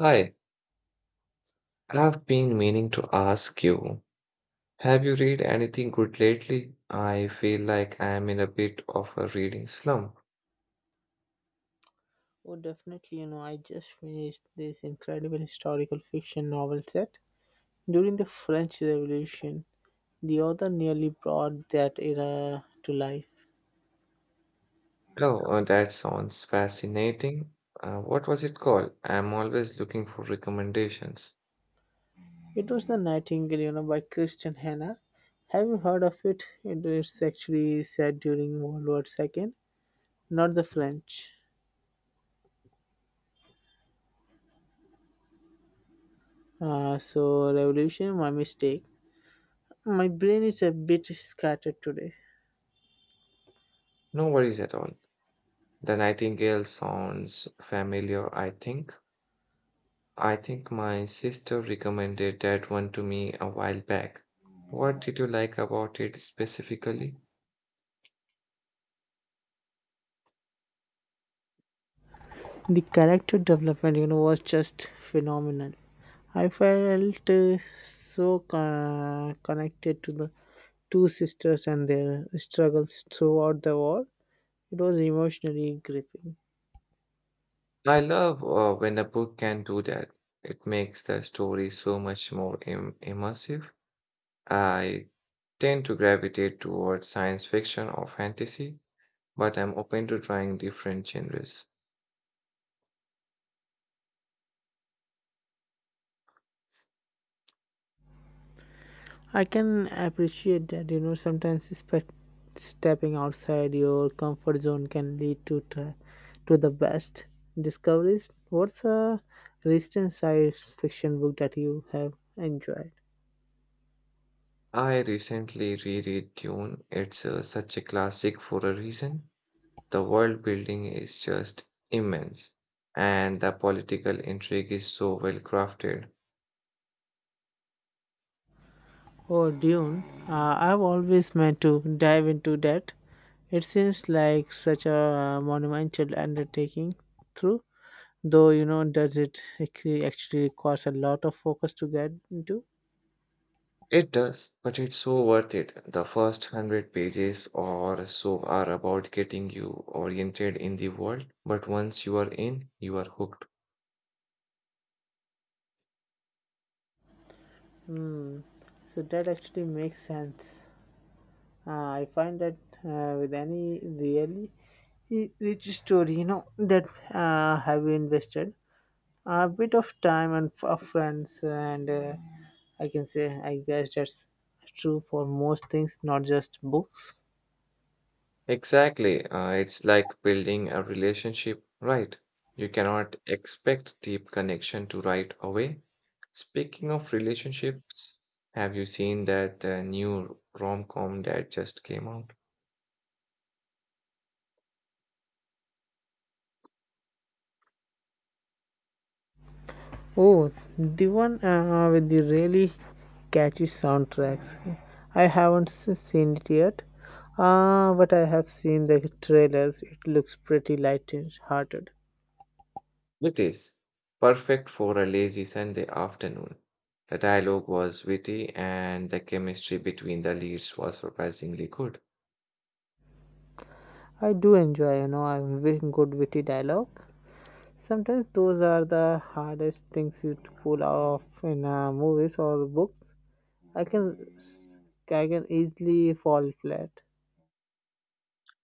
Hi, I've been meaning to ask you, have you read anything good lately? I feel like I'm in a bit of a reading slump. Oh, definitely. I just finished this incredible historical fiction novel set during the French Revolution. The author nearly brought that era to life. Oh, that sounds fascinating. What was it called? I'm always looking for recommendations. It was The Nightingale, by Christian Hannah. Have you heard of it? It is actually set during World War II, not the French. So, revolution, my mistake. My brain is a bit scattered today. No worries at all. The Nightingale sounds familiar, I think. I think my sister recommended that one to me a while back. What did you like about it specifically? The character development was just phenomenal. I felt so connected to the two sisters and their struggles throughout the war. It was emotionally gripping. I love when a book can do that. It makes the story so much more immersive. I tend to gravitate towards science fiction or fantasy, but I'm open to trying different genres. I can appreciate that. Sometimes stepping outside your comfort zone can lead to the best discoveries. What's a recent science fiction book that you have enjoyed? I recently reread Dune. It's such a classic for a reason. The world building is just immense, and the political intrigue is so well crafted. Oh, Dune. I've always meant to dive into that. It seems like such a monumental undertaking, through, though, does it actually requires a lot of focus to get into? It does, but it's so worth it. The first 100 pages or so are about getting you oriented in the world, but once you are in, you are hooked. Hmm. So that actually makes sense. I find that with any really rich story, that have you invested a bit of time and of friends and I can say, I guess that's true for most things, not just books. Exactly. It's like building a relationship, right? You cannot expect deep connection to right away. Speaking of relationships, have you seen that new rom-com that just came out? Oh, the one with the really catchy soundtracks. I haven't seen it yet, but I have seen the trailers. It looks pretty light-hearted. It is perfect for a lazy Sunday afternoon. The dialogue was witty and the chemistry between the leads was surprisingly good. I do enjoy, a good witty dialogue. Sometimes those are the hardest things you to pull off in movies or books. I can I can easily fall flat.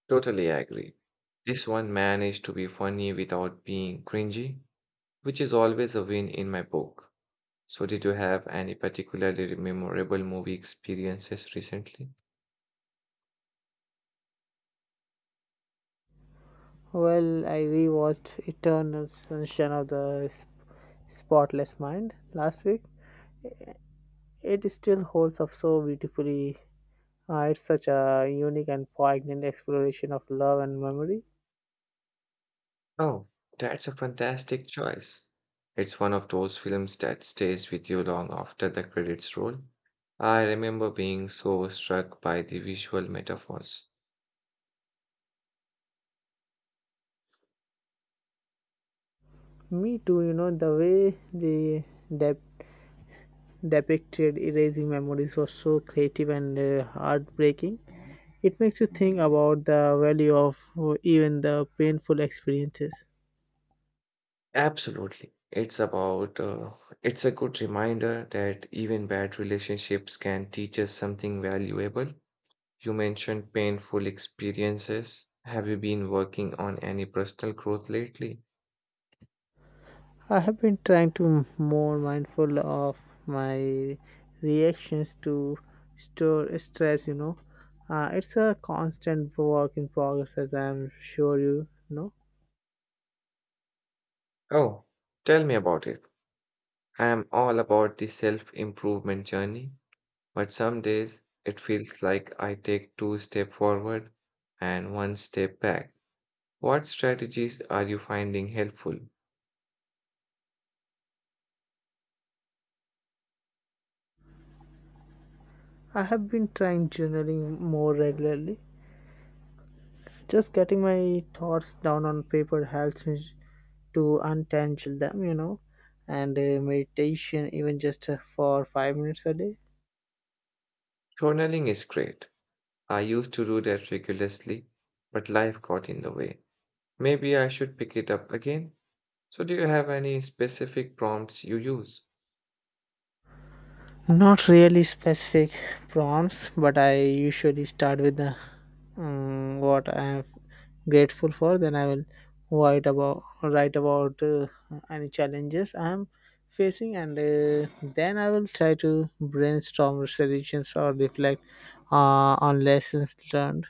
Totally agree. This one managed to be funny without being cringy, which is always a win in my book. So, did you have any particularly memorable movie experiences recently? Well, I rewatched Eternal Sunshine of the Spotless Mind last week. It still holds up so beautifully. It's such a unique and poignant exploration of love and memory. Oh, that's a fantastic choice. It's one of those films that stays with you long after the credits roll. I remember being so struck by the visual metaphors. Me too, the way they dep- depicted erasing memories was so creative and heartbreaking. It makes you think about the value of even the painful experiences. Absolutely. It's about, it's a good reminder that even bad relationships can teach us something valuable. You mentioned painful experiences. Have you been working on any personal growth lately? I have been trying to more mindful of my reactions to store stress. It's a constant work in progress, as I'm sure you know. Oh, tell me about it. I am all about the self improvement journey. But some days it feels like I take two steps forward and one step back. What strategies are you finding helpful? I have been trying journaling more regularly. Just getting my thoughts down on paper helps me to untangle them. And meditation, even just for 5 minutes a day. Journaling is great. I used to do that regularly, but life got in the way. Maybe I should pick it up again. So, do you have any specific prompts you use? Not really specific prompts, but I usually start with the what I am grateful for. Then I will write about any challenges I am facing, and then I will try to brainstorm solutions or reflect on lessons learned.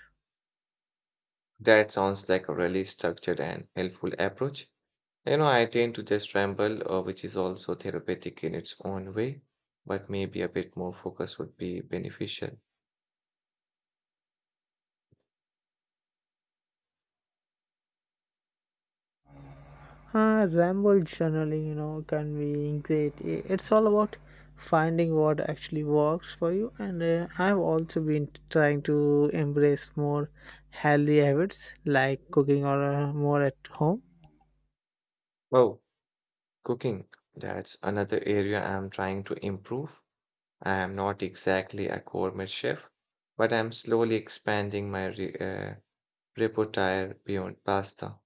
That sounds like a really structured and helpful approach. You know, I tend to just ramble, which is also therapeutic in its own way, but maybe a bit more focus would be beneficial. Ramble journaling, can be great. It's all about finding what actually works for you. And I've also been trying to embrace more healthy habits like cooking or more at home. Oh, cooking. That's another area I'm trying to improve. I am not exactly a gourmet chef, but I'm slowly expanding my re repertoire beyond pasta.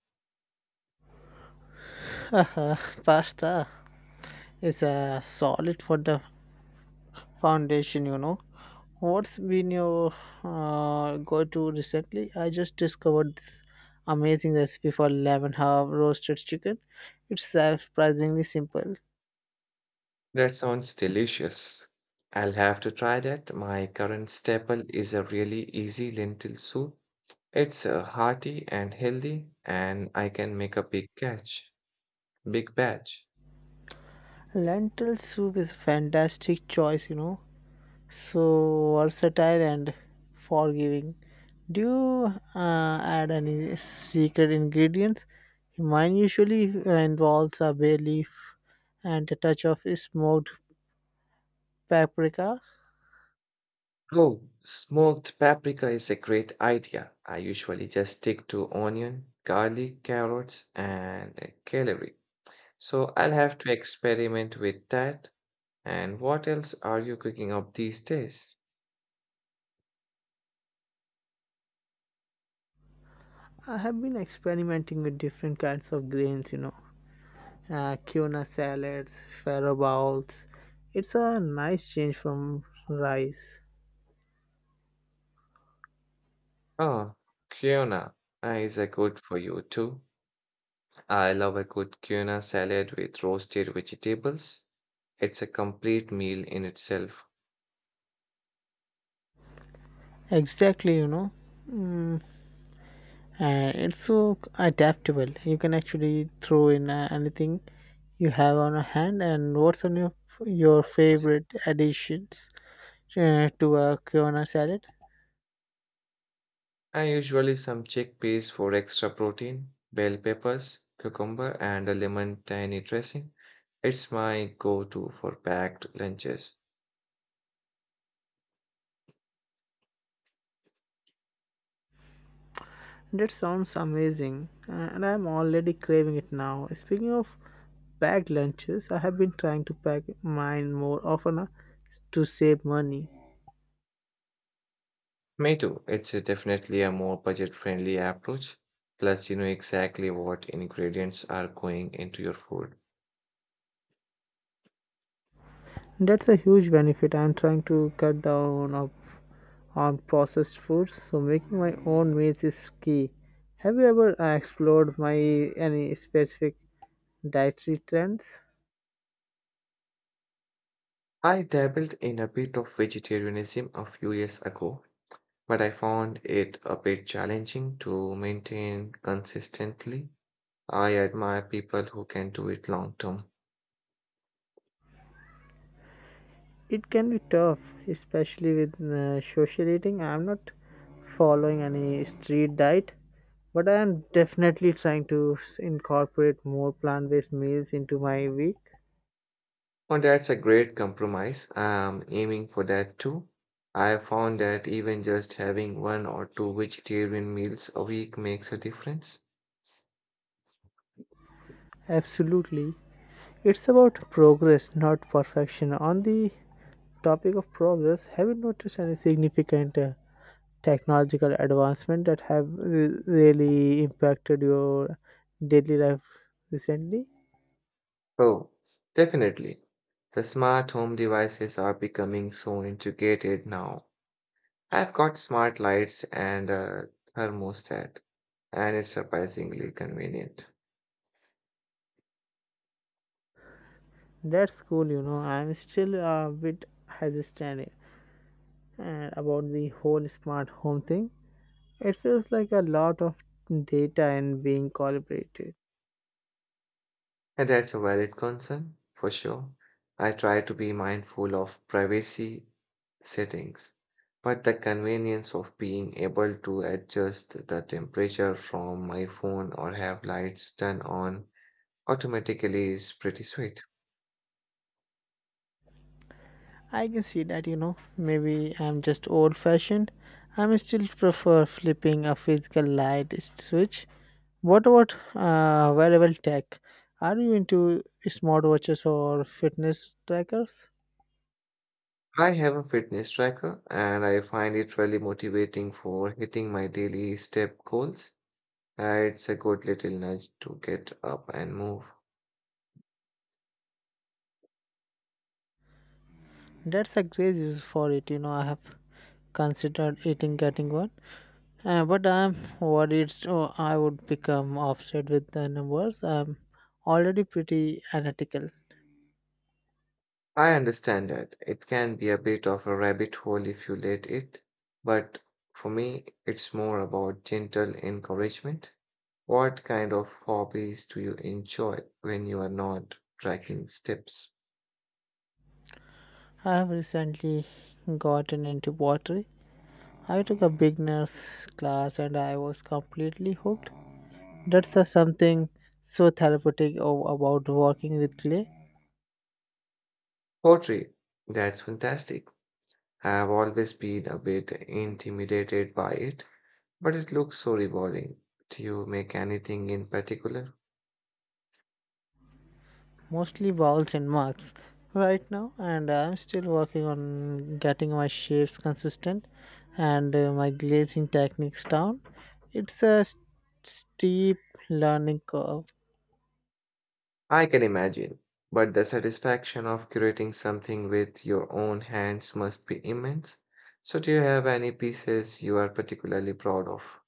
Pasta is solid for the foundation. What's been your go to recently? I just discovered this amazing recipe for lemon herb roasted chicken. It's surprisingly simple. That sounds delicious. I'll have to try that. My current staple is a really easy lentil soup. It's hearty and healthy, and I can make a big batch. Lentil soup is a fantastic choice, so versatile and forgiving. Do you add any secret ingredients? Mine usually involves a bay leaf and a touch of smoked paprika. Oh, smoked paprika is a great idea. I usually just stick to onion, garlic, carrots, and celery. So I'll have to experiment with that. And what else are you cooking up these days? I have been experimenting with different kinds of grains, quinoa salads, farro bowls. It's a nice change from rice. Oh, quinoa is a good for you too. I love a good quinoa salad with roasted vegetables. It's a complete meal in itself. Exactly. And it's so adaptable. You can actually throw in anything you have on a hand, and what's on your favorite additions to a quinoa salad? I usually some chickpeas for extra protein, bell peppers, cucumber, and a lemon tiny dressing. It's my go-to for packed lunches. That sounds amazing. And I'm already craving it now. Speaking of packed lunches, I have been trying to pack mine more often to save money. Me too. It's a definitely a more budget-friendly approach. Plus, you know exactly what ingredients are going into your food. That's a huge benefit. I'm trying to cut down on processed foods, so making my own meals is key. Have you ever explored my any specific dietary trends? I dabbled in a bit of vegetarianism a few years ago, but I found it a bit challenging to maintain consistently. I admire people who can do it long term. It can be tough, especially with social eating. I'm not following any strict diet, but I am definitely trying to incorporate more plant-based meals into my week. Oh, that's a great compromise. I'm aiming for that too. I found that even just having one or two vegetarian meals a week makes a difference. Absolutely. It's about progress, not perfection. On the topic of progress, have you noticed any significant technological advancement that have really impacted your daily life recently? Oh, definitely. The smart home devices are becoming so integrated now. I've got smart lights and a thermostat, and it's surprisingly convenient. That's cool. I'm still a bit hesitant about the whole smart home thing. It feels like a lot of data and being collaborated. And that's a valid concern for sure. I try to be mindful of privacy settings, but the convenience of being able to adjust the temperature from my phone or have lights turn on automatically is pretty sweet. I can see that. Maybe I'm just old fashioned. I'm still prefer flipping a physical light switch. What about wearable tech? Are you into smartwatches or fitness trackers? I have a fitness tracker and I find it really motivating for hitting my daily step goals. It's a good little nudge to get up and move. That's a great use for it. I have considered eating getting one, but I'm worried I would become offset with the numbers. I'm already pretty analytical. I understand that it can be a bit of a rabbit hole if you let it, but for me, it's more about gentle encouragement. What kind of hobbies do you enjoy when you are not tracking steps? I have recently gotten into pottery. I took a beginner's class and I was completely hooked. That's a something so therapeutic about working with clay. Poetry, that's fantastic. I've always been a bit intimidated by it, but it looks so rewarding. Do you make anything in particular? Mostly balls and marks right now, and I'm still working on getting my shapes consistent and my glazing techniques down. It's a steep learning curve. I can imagine, but the satisfaction of curating something with your own hands must be immense. So, do you have any pieces you are particularly proud of?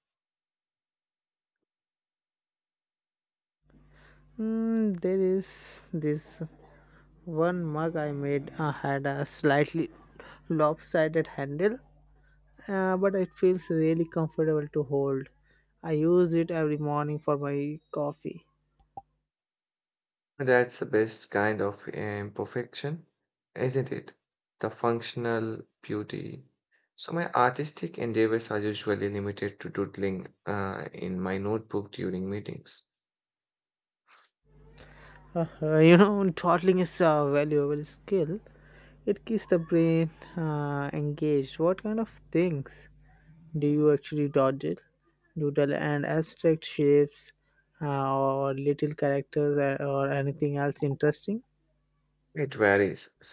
There is this one mug I made had a slightly lopsided handle but it feels really comfortable to hold. I use it every morning for my coffee. That's the best kind of imperfection, isn't it? The functional beauty. So, my artistic endeavors are usually limited to doodling in my notebook during meetings. Dawdling is a valuable skill. It keeps the brain engaged. What kind of things do you actually dodge? Doodle and abstract shapes, or little characters, or anything else interesting? It varies.